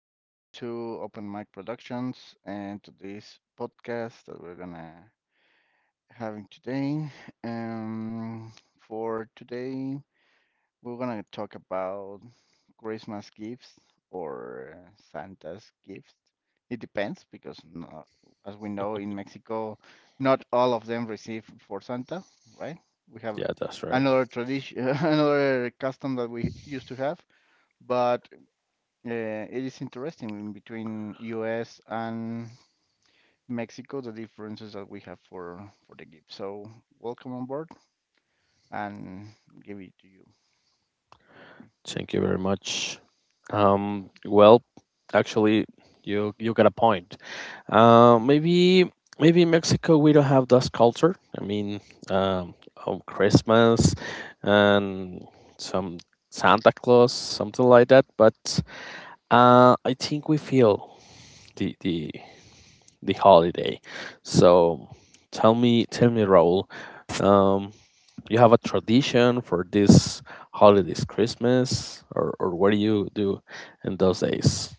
Welcome to Open Mic Productions and to this podcast that we're gonna having today. Um, for today, we're gonna talk about Christmas gifts or Santa's gifts. It depends because, no, as we know in Mexico, not all of them receive for Santa, right? We have Yeah, that's right. another tradition, another custom that we used to have, but it is interesting in between US and Mexico, the differences that we have for the gift. So welcome on board and give it to you. Thank you very much. Um, well, actually, you got a point. Uh, maybe maybe in Mexico we don't have that culture. I mean, um, on Christmas and some Santa Claus, something like that. But I think we feel the the the holiday. So tell me, Raul, um, you have a tradition for this holidays, Christmas, or what do you do in those days?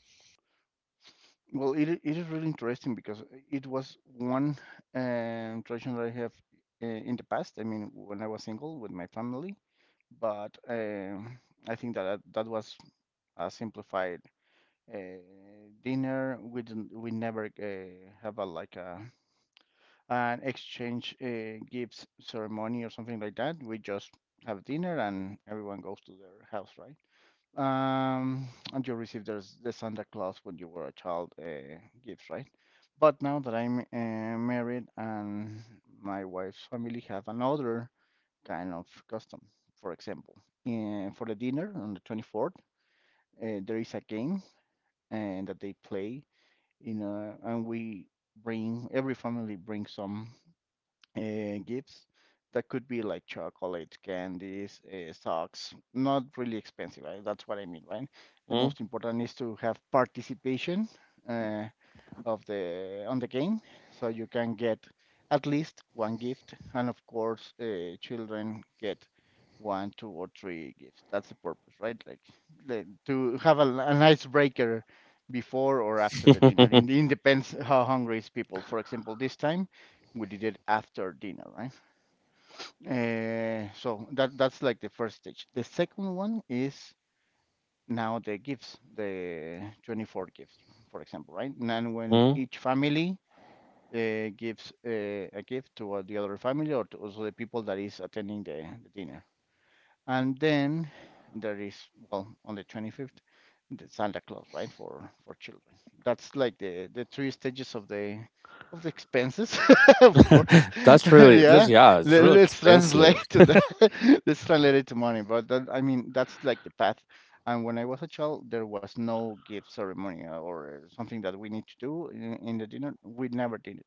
Well, it is really interesting because it was one tradition that I have in the past. I mean, when I was single with my family, but I think that was a simplified uh, dinner. We never have a like a an exchange gifts ceremony or something like that. We just have dinner and everyone goes to their house, right? Um, and you receive the Santa Claus when you were a child gifts, right? But now that I'm married and my wife's family have another kind of custom. For example, for the dinner on the 24th, there is a game and that they play. You know, and we bring every family brings some gifts that could be like chocolate, candies, socks, not really expensive. Right? That's what I mean, right? The mm most important is to have participation. Uh, of the on the game, so you can get at least one gift, and of course, children get one, two, or three gifts. That's the purpose, right? Like the, to have a nice breaker before or after the dinner. In depends how hungry is people. For example, this time we did it after dinner, right? So that's like the first stage. The second one is now the gifts, the 24 gifts, for example, right? And then when mm. each family gives a gift to the other family or to also the people that is attending the dinner. And then there is, well, on the 25th, the Santa Claus, right, for children. That's like the three stages of the expenses, of course. That's really that's Yeah, yeah, it's Let, really let's translate expensive. to that. Let's translate it to money. But that, I mean, that's like the path. And when I was a child, there was no gift ceremony or something that we need to do in the dinner. We never did it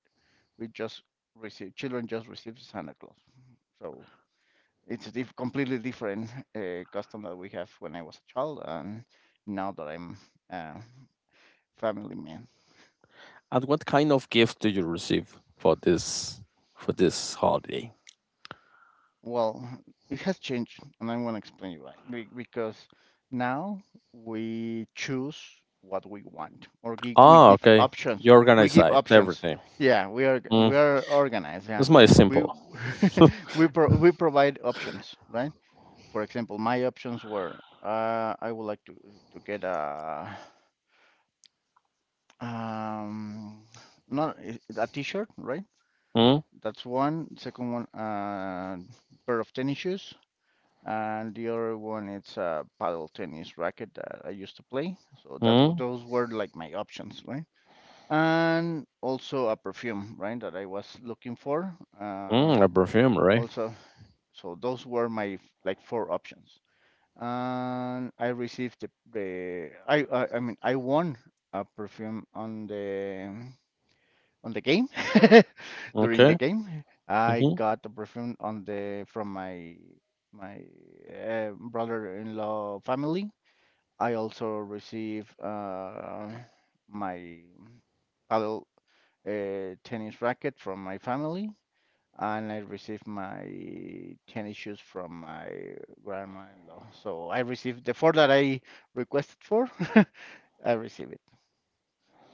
we just receive children just receive Santa Claus. So it's a completely different custom that we have when I was a child and now that I'm a family man. And what kind of gift do you receive for this holiday? Well, it has changed, and I want to explain you why. Because now we choose what we want, or we Ah, give okay. options. You We organize give it, options. everything. Yeah, we are we Mm. are organized. Yeah, This my we simple. We provide options, right? For example, my options were I would like to get a um not a a t-shirt, right? mm That's one. Second one, pair of tennis shoes, and the other one it's a paddle tennis racket that I used to play. So that mm those were like my options, right? And also a perfume, right, that I was looking for. A perfume, right? Also, so those were my like four options. And I received the I mean I won a perfume on the game during the Okay. game. I got a perfume on the from my brother-in-law family. I also received my paddle tennis racket from my family and I received my tennis shoes from my grandma-in-law. So I received the four that I requested for. I received it,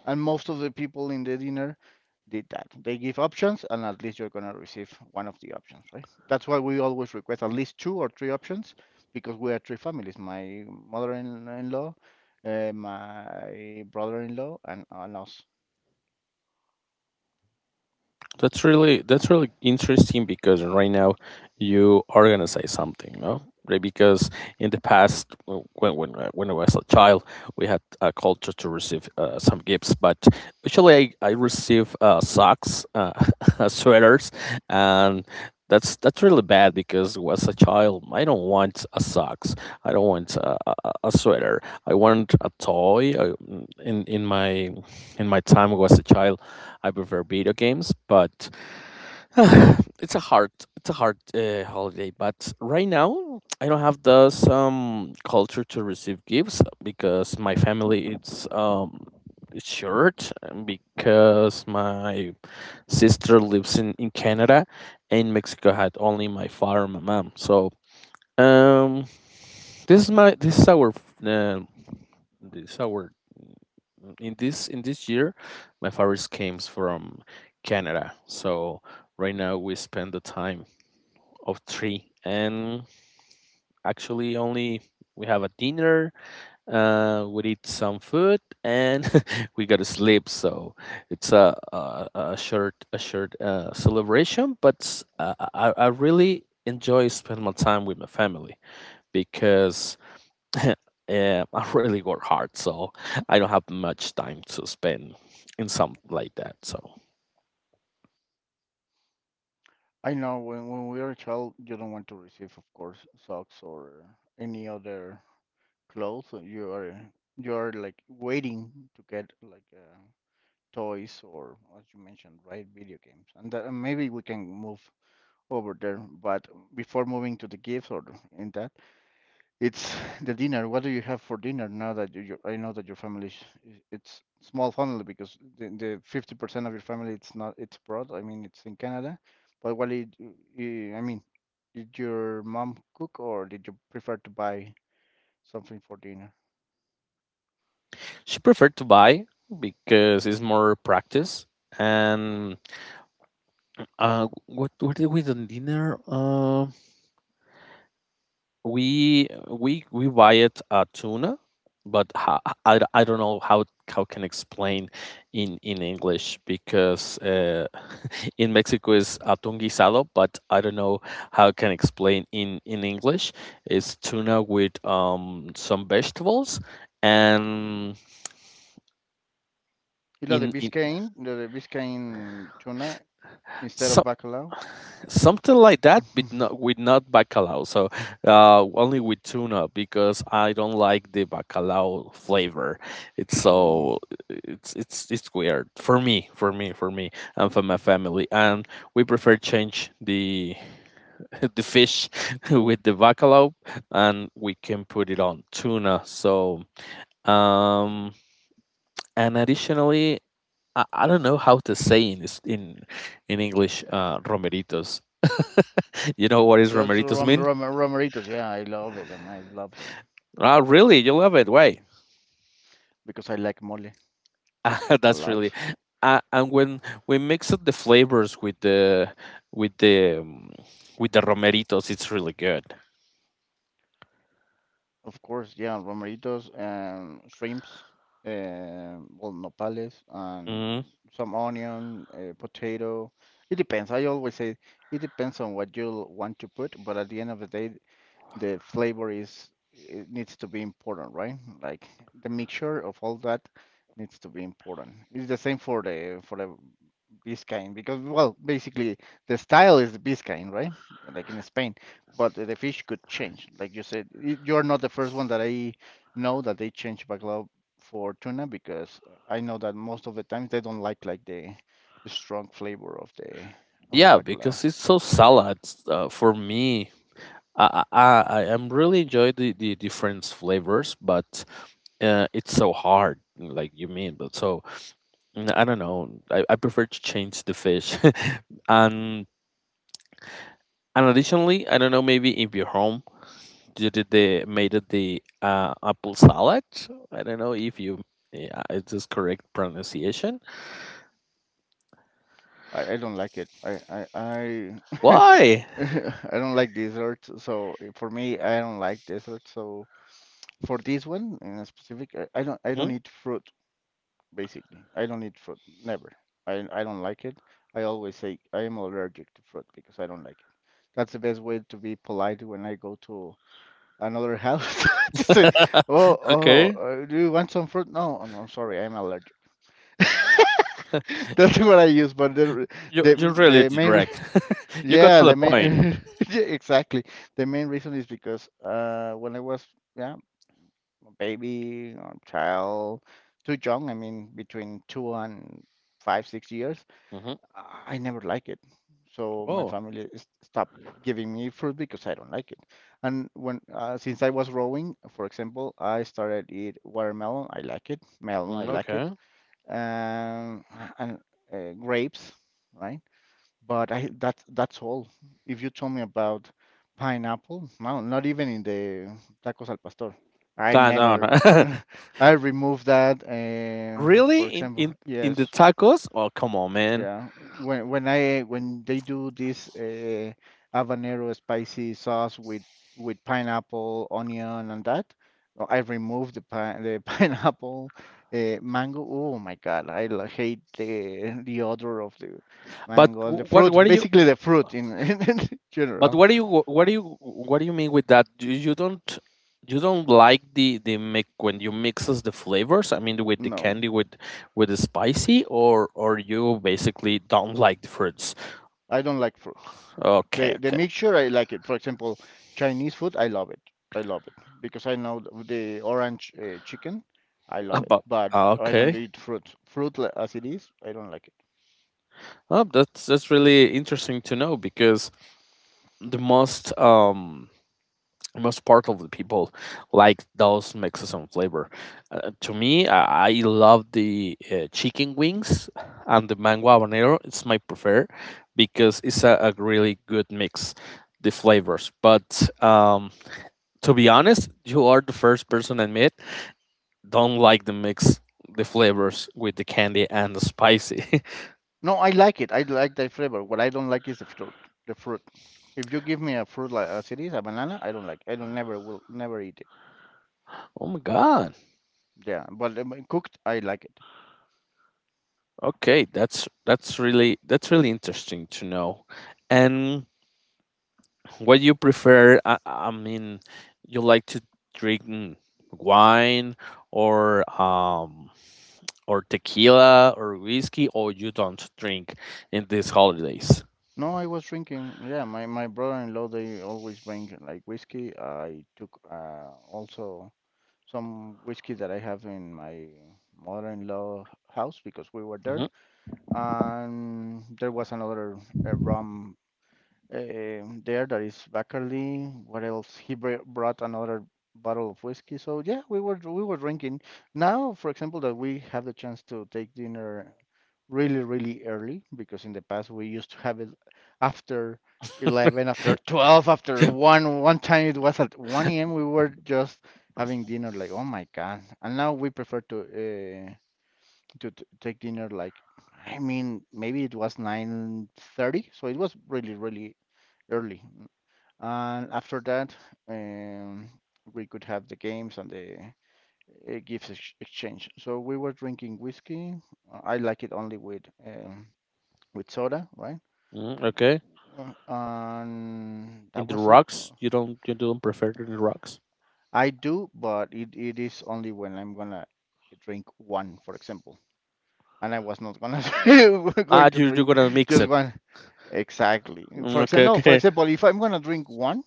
and most of the people in the dinner did that. They give options, and at least you're gonna receive one of the options, right? That's why we always request at least two or three options because we are three families: my mother-in-law, my brother-in-law, and us. That's really interesting because right now you are gonna say something, no? Right, because in the past, when I was a child, we had a culture to receive some gifts, but usually I receive socks, sweaters, and that's really bad because as a child, I don't want a socks, I don't want a sweater, I want a toy. In in my in my time was a child. I prefer video games, but it's a hard holiday. But right now, I don't have the some culture to receive gifts because my family it's short and because my sister lives in Canada and Mexico had only my father and my mom. So um, this is my um, this is our in this year, my favorite comes from Canada. So right now we spend the time of three, and actually only we have a dinner. We eat some food, and we go to sleep. So it's a short celebration, but I really enjoy spend my time with my family because eh, I really work hard, so I don't have much time to spend in something like that. So I know when we are a child, you don't want to receive, of course, socks or any other clothes or you are like waiting to get like toys or as you mentioned right video games and that, and maybe we can move over there but before moving to the gifts or in that it's the dinner. What do you have for dinner now that you I know that your family is it's small family because the 50% of your family it's not it's abroad. I mean it's in Canada, but what did you, I mean did your mom cook or did you prefer to buy something for dinner? she preferred to buy because it's more practice. And what did we do dinner? We buy it tuna but I don't know how can explain in english because in mexico is atún guisado but I don't know how I can explain in english it's tuna with some vegetables and You love the in Biscayne, the Biscayne tuna instead of so, bacalao. something like that but not with not bacalao so only with tuna because I don't like the bacalao flavor it's Oh, so it's weird for me and for my family and we prefer change the the fish with the bacalao and we can put it on tuna so um and additionally I don't know how to say in this in english romeritos, you know what is just romeritos mean? Romeritos. Yeah, I love I love them Ah, really? You love it? Why? because I like mole a That's really. lot. And when we mix up the flavors with the um, with the romeritos, it's really good. Of course, yeah, romeritos and shrimps, well, nopales Mm. and some onion, potato. It depends. I always say it depends on what you want to put, but at the end of the day, the flavor is it needs to be important, right? Like the mixture of all that needs to be important. It's the same for the Biscayne because well, basically the style is Biscayne, right? Like in Spain, but the fish could change. Like you said, you're not the first one that I know that they change bacalao for tuna because I know that most of the times they don't like the strong flavor of the Yeah, bacalao. because it's so salad for me. I am really enjoy the different flavors, but it's so hard, like you mean. But so I don't know. I prefer to change the fish, and and additionally, I don't know. Maybe if you're home you did the made it the apple salad. I don't know if you yeah, it's this correct pronunciation? I don't like it. Why? I don't like desserts. So for me, I don't like desserts. So for this one in specific, I don't Mhm. eat fruit basically. I don't eat fruit. Never. I don't like it. I always say I am allergic to fruit because I don't like it. That's the best way to be polite when I go to another house to say, "Oh, oh, Okay, do you want some fruit?" No, oh, no, I'm sorry, I'm allergic. That's what I use, but you the you really the main re- direct. You got yeah, to the the point. main yeah, exactly. The main reason is because when I was yeah, a baby or child, too young, I mean between 2 and 5, 6 years, hmm. I never like it. So my Oh, family stopped giving me fruit because I don't like it. And when since I was growing, for example, I started eat watermelon, I like it, melon, I mm, like it, okay. um, and grapes, right? But I that's all. If you told me about pineapple, no, not even in the tacos al pastor. I Nah, never no, no. I removed that. Really For example, in yes, the tacos? Oh, come on, man. yeah, when they do this habanero spicy sauce with pineapple, onion, and that, I remove the pineapple, mango. Oh my God, hate the odor of the But mango and the wh- what fruit. what do you Basically, the fruit in in But general. what do you what do you what do you mean with that? You, you don't like the mix when you mixes the flavors. I mean, with the No, candy with the spicy, or you basically don't like the fruits. I don't like fruit. Okay, The okay, mixture, I like it. For example, Chinese food, I love it. I love it because I know the orange chicken, I love it. but But ah, I don't okay. eat fruit. As it is, I don't like it. Oh, that's really interesting to know because the most most part of the people like those mixes and flavor. To me, I love the chicken wings and the mango habanero. It's my prefer because it's a really good mix, the flavors. But to be honest, you are the first person I met don't like the mix, the flavors with the candy and the spicy. No, I like it. I like the flavor. What I don't like is the fruit. The fruit. If you give me a fruit like as it is, a banana, I don't like. I don't Never will never eat it. Oh my god! Yeah, but cooked, I like it. Okay, that's really interesting to know. And what you prefer? I mean, you like to drink wine or um or tequila or whiskey, or you don't drink in these holidays? No, I was drinking. Yeah, my brother-in-law they always bring like whiskey. I took also some whiskey that I have in my mother-in-law house because we were there. hmm. And there was another rum there. That is Bacardi. What else? Brought another bottle of whiskey. So yeah, we were drinking. Now, for example, that we have the chance to take dinner really, really early because in the past we used to have it after 11, after 12, after 1. One time it was at 1 a.m. We were just having dinner like, oh my God. And now we prefer uh, to t take dinner like, I mean, maybe it was 9:30, so it was really, really early. And after that, um, we could have the games and the gifts exchange. So we were drinking whiskey. I like it only with soda, right? hmm. Okay. And In that the was it. rocks, you don't prefer in the rocks? I do, but it is only when I'm gonna drink one, for example. And I was not gonna say we're Ah, going to you you're drink gonna mix just it. one. Exactly. Mm, For okay, example, no, for okay. example, if I'm gonna drink one,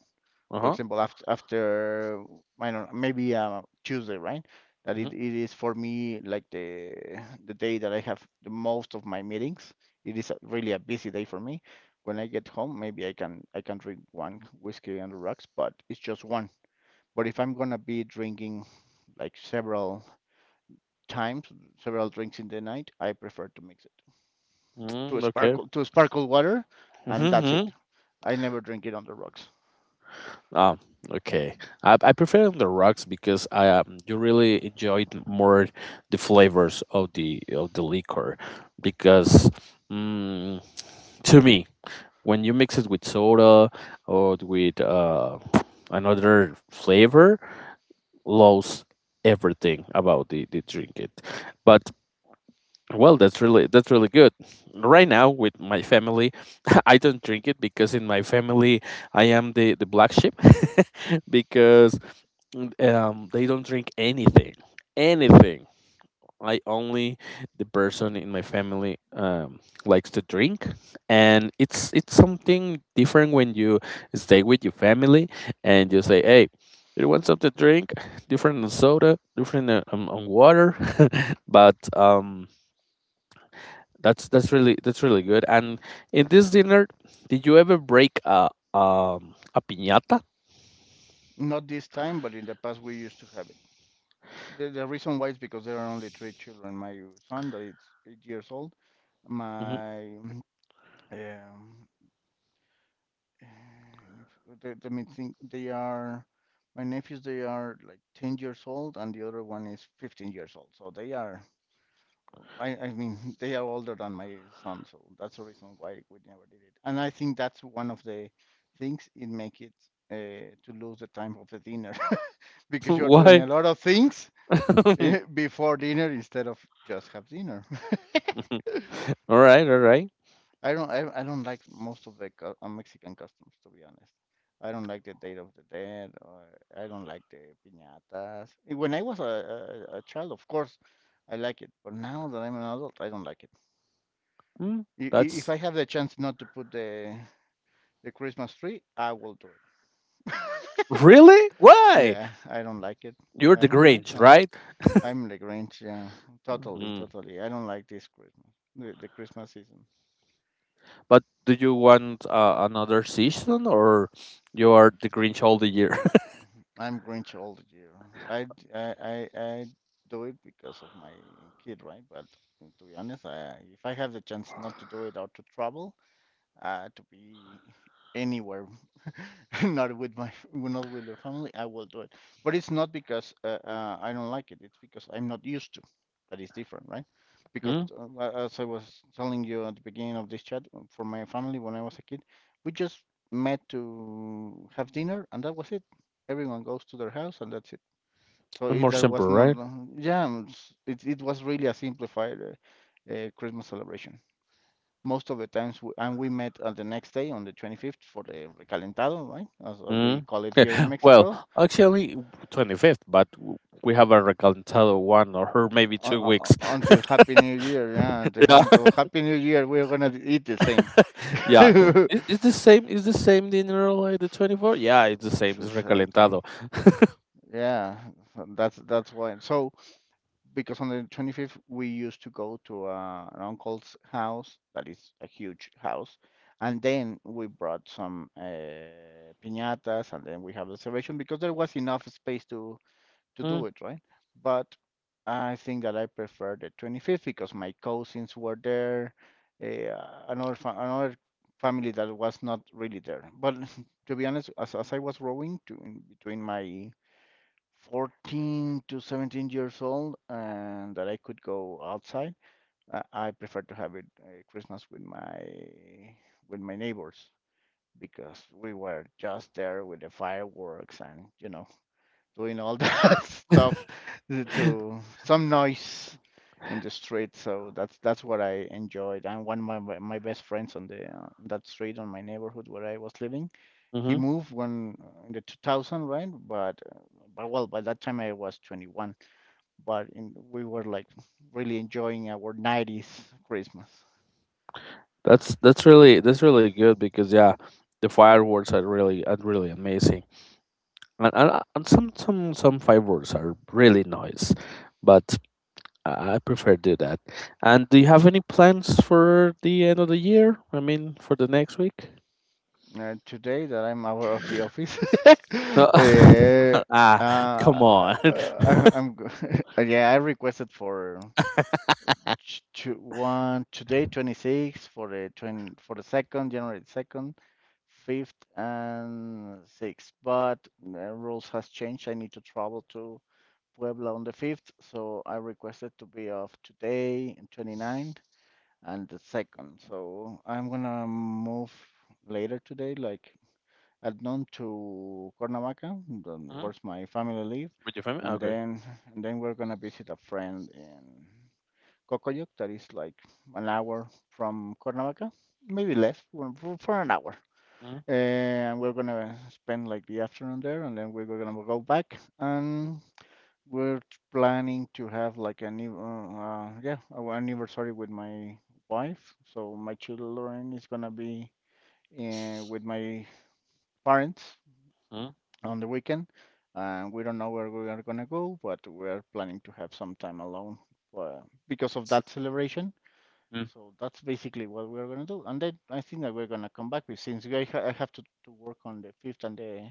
Uh for huh. example, after I don't know, maybe Tuesday, right? That it is for me like the day that I have the most of my meetings. It is really a busy day for me. When I get home, maybe I can drink one whiskey on the rocks, but it's just one. But if I'm gonna be drinking like several times, several drinks in the night, I prefer to mix it Mm-hmm. Okay. To a sparkle water, and that's Mm-hmm. it. I never drink it on the rocks. Oh, okay. I prefer on the rocks because I you really enjoyed more the flavors of the liquor because mm, to me when you mix it with soda or with another flavor, lose everything about the drink it. But well, that's really good. Right now with my family, I don't drink it because in my family I am the black sheep because they don't drink anything. Anything. I only the person in my family likes to drink and it's something different when you stay with your family and you say, "Hey, do you want something to drink? Different than soda, different than, on water." But that's really good. And in this dinner, did you ever break a piñata? Not this time, but in the past we used to have it. The reason why is because there are only three children. My son that is 8 years old. Mhm. My um, if, let let me They are my nephews. They are like 10 years old, and the other one is 15 years old. So they are. I mean, they are older than my son. So that's the reason why we never did it. And I think that's one of the things it make it to lose the time of the dinner because you're doing a Why? lot of things before dinner instead of just have dinner. All right, all right. I don't like most of the Mexican customs, to be honest. I don't like the Day of the Dead, or I don't like the piñatas. When I was a child, of course, I like it, but now that I'm an adult, I don't like it. Mm, If I that's have the chance not to put the Christmas tree, I will do it. really why Yeah, I don't like it. you're I the don't like Grinch, that. right? I'm the Grinch, yeah, totally, Mm. totally. I don't like this Christmas, the Christmas season. But do you want another season, or you are the Grinch all the year? I'm Grinch all the year. I, d- I do it because of my kid, right? But to be honest, I, if I have the chance not to do it or to travel, to be anywhere, not with not with the family, I will do it. But it's not because I don't like it. It's because I'm not used to. That is different, right? Because mm? As I was telling you at the beginning of this chat, for my family when I was a kid, we just met to have dinner, and that was it. Everyone goes to their house, and that's it. So it, More there simple, was not, right? Yeah, it's- it was really a simplified Christmas celebration most of the times, and we met on the next day on the 25th for the recalentado, right? As we Mm. call it here in Well, Mexico, actually, 25th, but we have a recalentado one, or maybe two weeks. until Happy New Year. Yeah, until Happy New Year, we're gonna eat the same. Yeah, it's the same. It's the same dinner like the 24. Yeah, it's the same. It's Exactly. recalentado. Yeah, so that's why. So because on the 25th we used to go to an uncle's house that is a huge house and then we brought some piñatas and then we have the celebration because there was enough space to Mm. do it right but I think that I prefer the 25th because my cousins were there, another family that was not really there but to be honest, as I was growing to, in between my 14 to 17 years old and that I could go outside, I, I prefer to have it Christmas with my neighbors because we were just there with the fireworks, and you know, doing all that stuff to some noise in the street. So that's what I enjoyed. And one of my best friends on the that street on my neighborhood where I was living, he hmm. moved when in the 2000, right? But well, by that time I was 21. But in, we were like really enjoying our 90s Christmas. That's really good because yeah, the fireworks are really amazing, and some fireworks are really nice, but I prefer do that. And do you have any plans for the end of the year? I mean, for the next week? Today that I'm out of the office. Uh, Eh, uh, ah, come on. I, I'm yeah, I requested for t- to one today 26 for the 20 for the second January 2nd, 5th and 6th. But the rules has changed. I need to travel to Puebla on the 5th, so I requested to be off today and twenty-ninth and the 2nd. So I'm gonna move later today, like at noon, to Cuernavaca, then Mhm. where's my family live, With your family? and Okay. then and then we're gonna visit a friend in Cocoyoc that is like an hour from Cuernavaca, maybe less, for an hour. And we're gonna spend like the afternoon there, and then we're gonna go back, and we're planning to have like a our anniversary with my wife. So my children is gonna be with my parents Mm-hmm. on the weekend. And we don't know where we are gonna go, but we're planning to have some time alone uh, because of that celebration. So that's basically what we're gonna do. And then I think that we're gonna come back with since I have to work on the fifth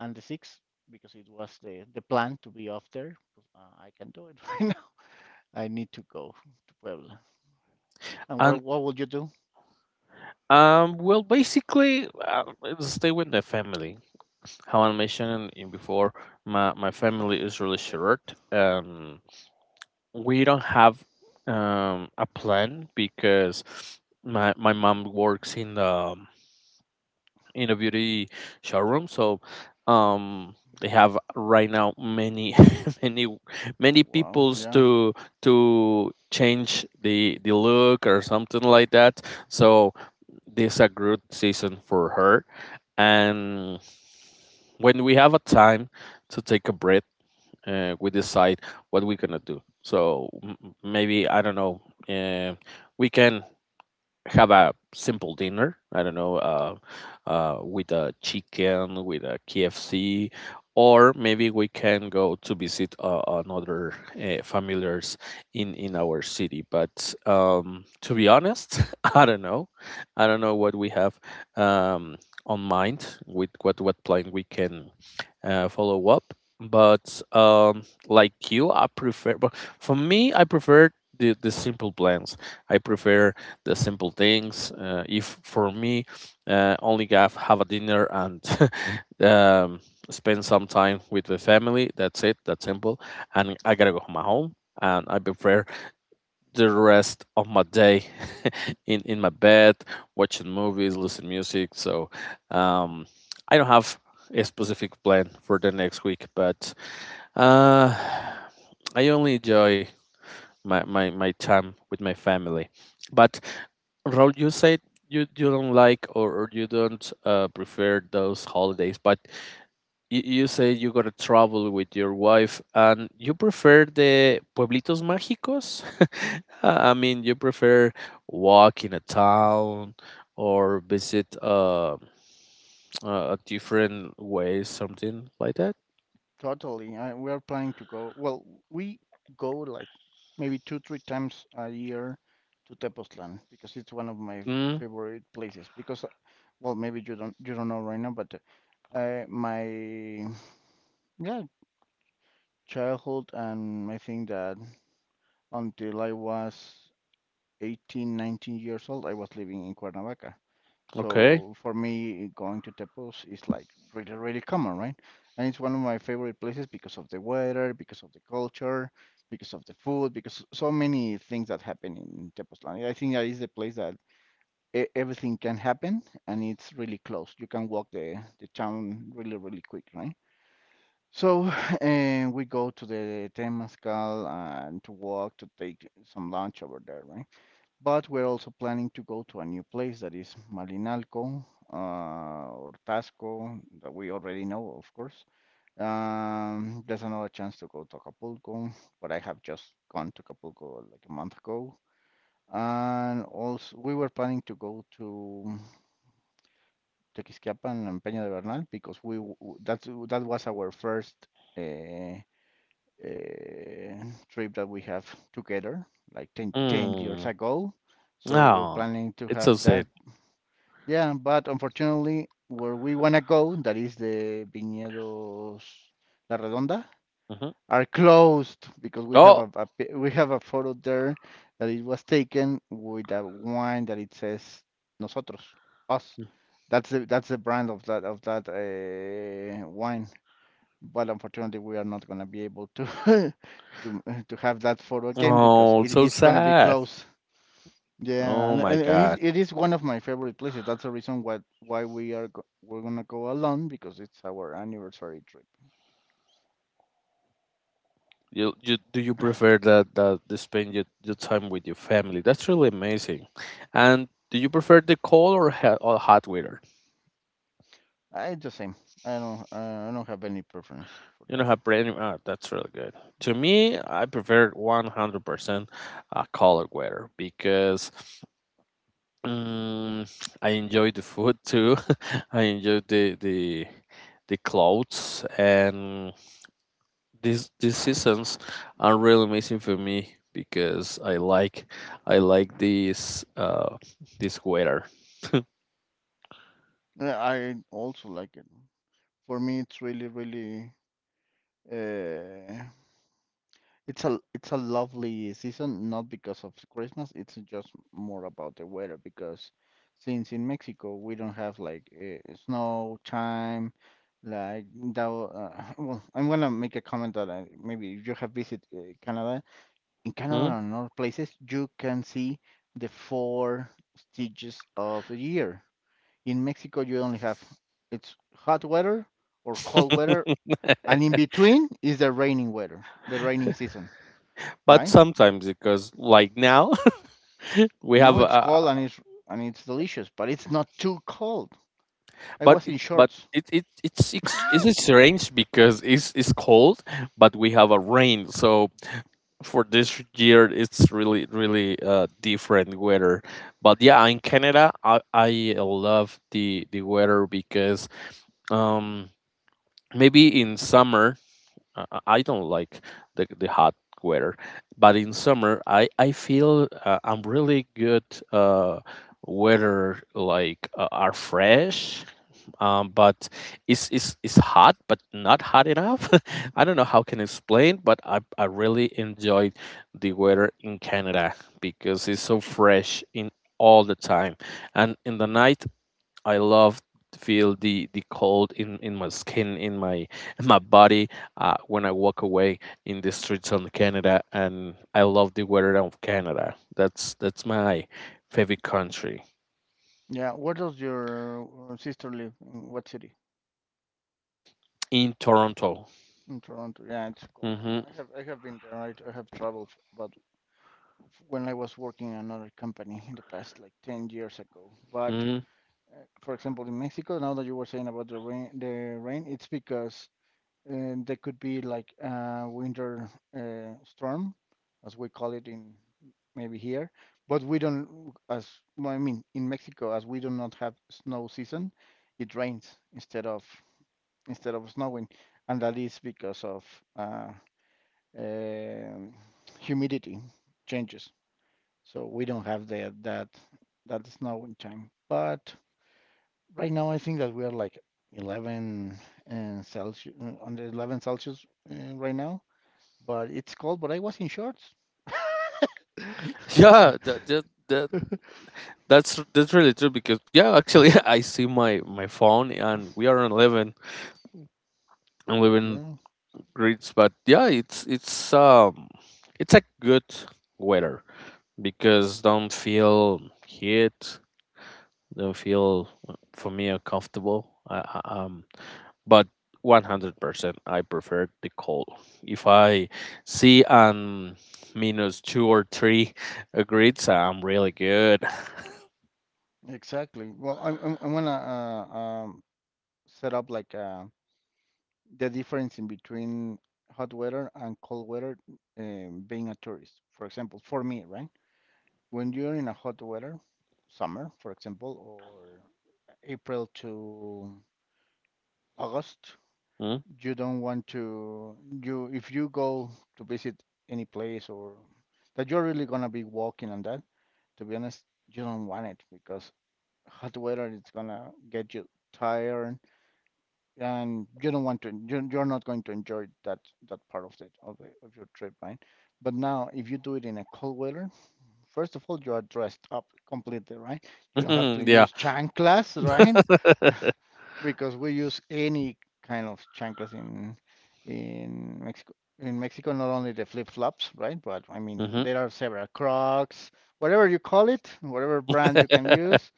and the sixth because it was the plan to be off there. I can do it right now. I need to go to Puebla. And And what will you do? um, well, basically, it's stay with the family. How I mentioned in before, my family is really short. We don't have a plan because my mom works in the in a beauty showroom, so um, they have right now many many many Wow, peoples yeah. To change the look or something like that. So this a good season for her and when we have a time to take a breath we decide what we're gonna do so maybe I don't know uh, we can have a simple dinner. I don't know, with a chicken, with a KFC, or maybe we can go to visit another familiars in our city. But to be honest, I don't know. I don't know what we have um, on mind with what plan we can follow up. But like you, I prefer. But for me, I prefer the simple plans. I prefer the simple things. If for me, only have a dinner and um, spend some time with the family. That's it. That's simple. And I gotta go to my home. And I prefer the rest of my day in my bed, watching movies, listening music. So um, I don't have a specific plan for the next week, but uh, I only enjoy my time with my family. But Raul, you said you don't like or you don't prefer those holidays, but you say you gotta travel with your wife and you prefer the pueblitos mágicos? I mean, you prefer walk in a town or visit a different way, something like that? Totally. I, we are planning to go. Well, we go like maybe two, three times a year to Tepoztlan because it's one of my Mm, favorite places. Because, well, maybe you don't know right now, but my yeah childhood and I think that until I was 18, 19 years old, I was living in Cuernavaca. okay. So for me, going to Tepos is like really, really common, right? And it's one of my favorite places because of the weather, because of the culture, because of the food, because so many things that happen in Tepoztlán. I think that is the place that everything can happen, and it's really close. You can walk the town really, really quick, right? So we go to the Temazcal and to walk to take some lunch over there, right? But we're also planning to go to a new place that is Malinalco or Tasco that we already know, of course. There's another chance to go to Acapulco, but I have just gone to Acapulco like a month ago. And also, we were planning to go to Tequisquiapan and Peña de Bernal because we w- that's that was our first uh, uh, trip that we have together, like 10 10 years Mm, ago. So we're no, planning to it's so have sad. that. Yeah, but unfortunately, where we want to go, that is the Viñedos La Redonda, Mhm. are closed because we have Oh, we have a photo there that it was taken with a wine that it says nosotros, us. That's the brand of that wine. But unfortunately, we are not gonna be able to to to have that photo again because oh, it, so it's gonna be sad. closed. Yeah, Oh and, my and and it's, God. it is one of my favorite places. That's the reason what why we're gonna go alone because it's our anniversary trip. You do you prefer that that to spend your time with your family? That's really amazing. And do you prefer the cold or hot weather? I, it's the same. I don't have any preference for You know, that. have brand that's really good. To me, I prefer 100% cold weather because um, I enjoy the food too. I enjoy the the clothes and these seasons are really amazing for me because I like this this weather. I also like it. For me, it's really really uh, it's a it's a lovely season, not because of Christmas. It's just more about the weather because since in Mexico we don't have like snow time, like that. Well, I'm gonna make a comment that I, maybe if you have visited Canada. In Mm. Canada and other places, you can see the four stages of the year. In Mexico, you only have it's hot weather or cold weather, and in between is the raining weather, the raining season, But right? sometimes, because like now, we No, have it's cold and it's delicious, but it's not too cold. I but was it, in but shorts. it, it it's ex- it's strange because it's cold but we have a rain. So for this year it's really different weather. But yeah, in Canada, I love the weather because, um maybe in summer I don't like the hot weather. But in summer I feel I'm really good, uh, weather like are fresh. But it's hot but not hot enough. I don't know how can explain, but I really enjoyed the weather in Canada because it's so fresh in all the time. And in the night I love to feel the cold in my skin, in my body when I walk away in the streets of Canada. And I love the weather of Canada. That's my favorite country. Yeah, where does your sister live? In what city? In Toronto. In Toronto. Yeah, it's cold. Mm-hmm. I have been there. I have traveled, when I was working in another company in the past, like 10 years ago. But Hmm. For example, in Mexico, now that you were saying about the rain, it's because and there could be like a winter storm, as we call it in maybe here. But we don't, as well, I mean, in Mexico, as we do not have snow season, it rains instead of snowing, and that is because of uh, um humidity changes. So we don't have that that snowing time. But right now, I think that we are like 11 and Celsius, under 11 Celsius right now, but it's cold. But I was in shorts. Yeah, that's that's really true. Because yeah, actually, I see my phone and we are on living I'm living Yeah, grids. But yeah, it's it's a good weather because don't feel heat, don't feel for me uncomfortable. But 100% I prefer the cold. If I see minus two or three grids, I'm really good. exactly. Well, I'm gonna set up like the difference in between hot weather and cold weather being a tourist. For example, for me, right? When you're in a hot weather, summer, for example, or April to August, Mm. you don't want to you if you go to visit any place or that you're really gonna be walking on that, to be honest, you don't want it because hot weather it's gonna get you tired, and you're not going to enjoy that part of it of your trip, right? But now if you do it in a cold weather, first of all you are dressed up completely, right? You don't have to Yeah. use chanclas, right? Because we use any kind of chanclas in Mexico. In Mexico, not only the flip-flops, right? But I mean, Hmm. there are several Crocs, whatever you call it, whatever brand you can use.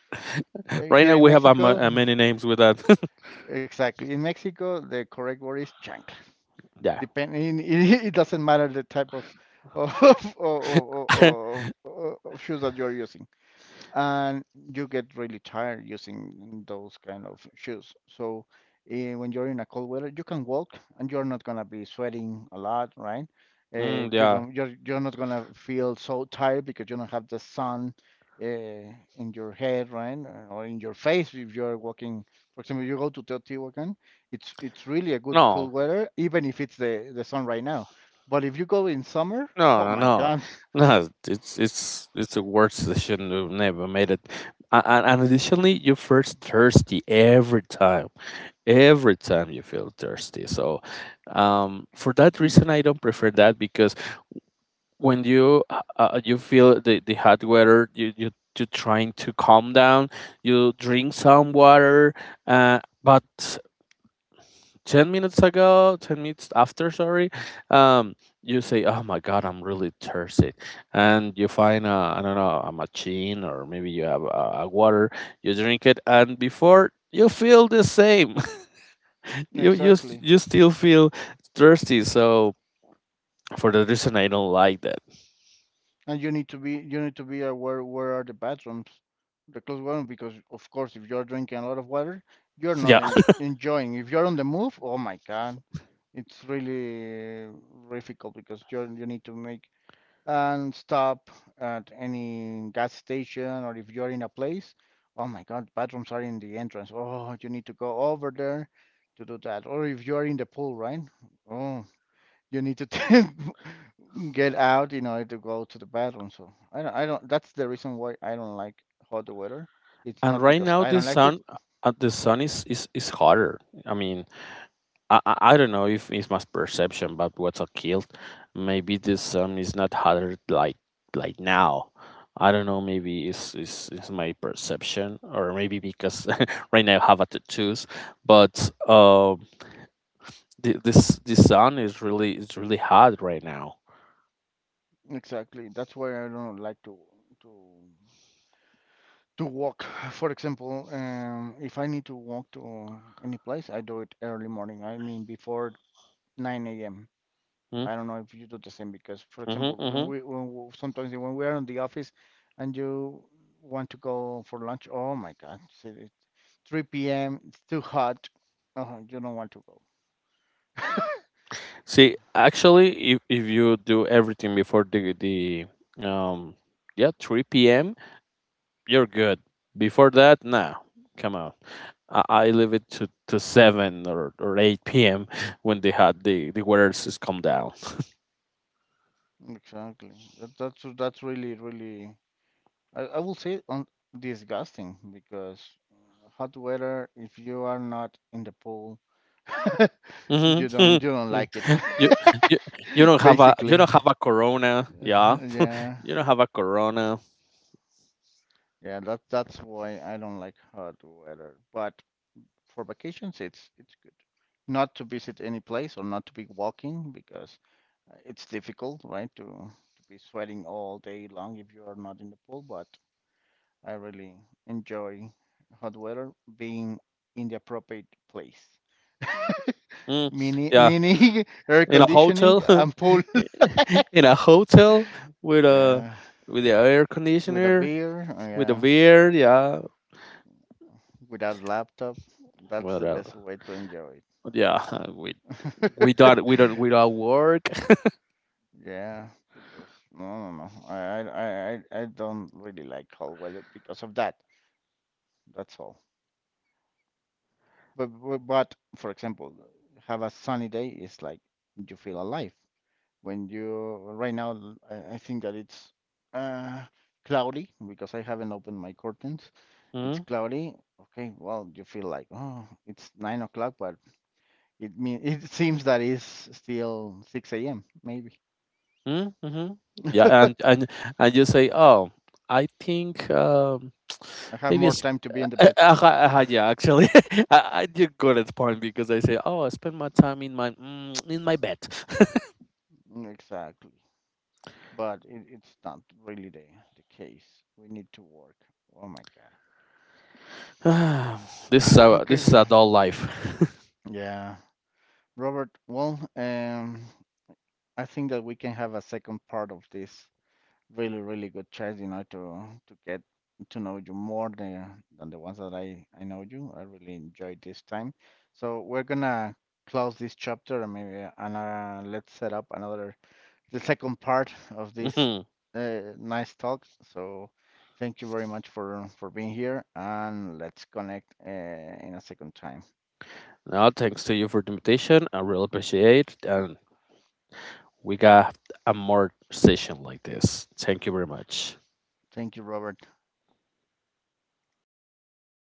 Right Here now in we have Mexico, many names with that. exactly. In Mexico, the correct word is chancla. Yeah. It doesn't matter the type of of, of, of, of, of shoes that you're using, and you get really tired using those kind of shoes. So when you're in a cold weather, you can walk and you're not gonna be sweating a lot, right? Mm, yeah. You're not gonna feel so tired because you don't have the sun in your head, right, or in your face if you're walking. For example, you go to Teotihuacan, it's really a good No. cold weather, even if it's the sun right now. But if you go in summer, No, oh no, my no, God, no, it's it's the worst decision. We've never made it. And additionally, you first thirsty every time. Every time you feel thirsty. So, for that reason, I don't prefer that because when you feel the hot weather, you you're trying to calm down. You drink some water, but 10 minutes after, sorry, um you say, oh my god, I'm really thirsty. And you find a, I don't know, a machine, or maybe you have a water. You drink it, and before you feel the same. you you s- exactly. you still feel thirsty. So for that reason, I don't like that. And you need to be aware where are the bathrooms, the close one, because of course if you're drinking a lot of water, you're not Yeah. en enjoying. If you're on the move, oh my God, it's really difficult because you need to make and stop at any gas station, or if you're in a place, oh my God, bathrooms are in the entrance. Oh, you need to go over there to do that. Or if you're in the pool, right? Oh, you need to get out in order to go to the bathroom. So I don't. That's the reason why I don't like hot weather. It's And not right because now I the don't like it. sun, the sun is is hotter. I mean, I I don't know if it's my perception, but what's a kilt. Maybe this is not harder like now. I don't know. Maybe it's my perception, or maybe because right now I have a tattoos. But this sun is really, it's really hot right now. Exactly. That's why I don't like to to walk. For example, if I need to walk to any place, I do it early morning. I mean before 9 a.m. Mm, I don't know if you do the same because, for mhm, example, mhm. Sometimes when we are in the office and you want to go for lunch, oh my God, see, it's 3 p.m. It's too hot. You don't want to go. See, actually, if you do everything before the um yeah three p.m., you're good. Before that, nah, come on. I leave it to seven or eight p.m. when they had the weather is calm down. Exactly. That's really really, I will say on, disgusting because hot weather, if you are not in the pool, Mhm. you don't like it. you, you you don't have a, you Basically. don't have a corona, yeah. Yeah. You don't have a corona. Yeah, that's why I don't like hot weather. But for vacations, it's good. Not to visit any place or not to be walking because it's difficult, right? To be sweating all day long if you are not in the pool. But I really enjoy hot weather being in the appropriate place. Mm, Mini yeah. mini air In a conditioning hotel, and pool. in a hotel with a, Yeah, with the air with a conditioner, beer. with a Yeah, beer, yeah. without laptop. That's What the else? best way to enjoy. Yeah, we we don't we don't work. Yeah, because no, no, no. I don't really like cold weather because of that. That's all. But for example, have a sunny day is like you feel alive. When you right now, I think that it's uh cloudy because I haven't opened my curtains. It's cloudy. Okay, well, you feel like, oh, it's 9 o'clock, but it seems that it's still six a.m. Maybe Mm, mhm. Yeah. And you say, "Oh, I think, I have maybe more it's." time to be in the Uh, bed. uh, uh, yeah, actually, I did good at point because I say, "Oh, I spend my time in my, in my bed." Mm, exactly. But it, it's not really the case. We need to work. Oh my God. this is our Okay. this is adult life. Yeah. Robert, well, I think that we can have a second part of this really, really good chat, you know, to get to know you more than the ones that I know you. I really enjoyed this time. So we're gonna close this chapter, and maybe and let's set up another the second part of this Mhm. Nice talk. So thank you very much for being here, and let's connect in a second time. Now, thanks to you for the invitation. I really appreciate, and we got a more session like this. Thank you very much. Thank you, Robert. Bye bye.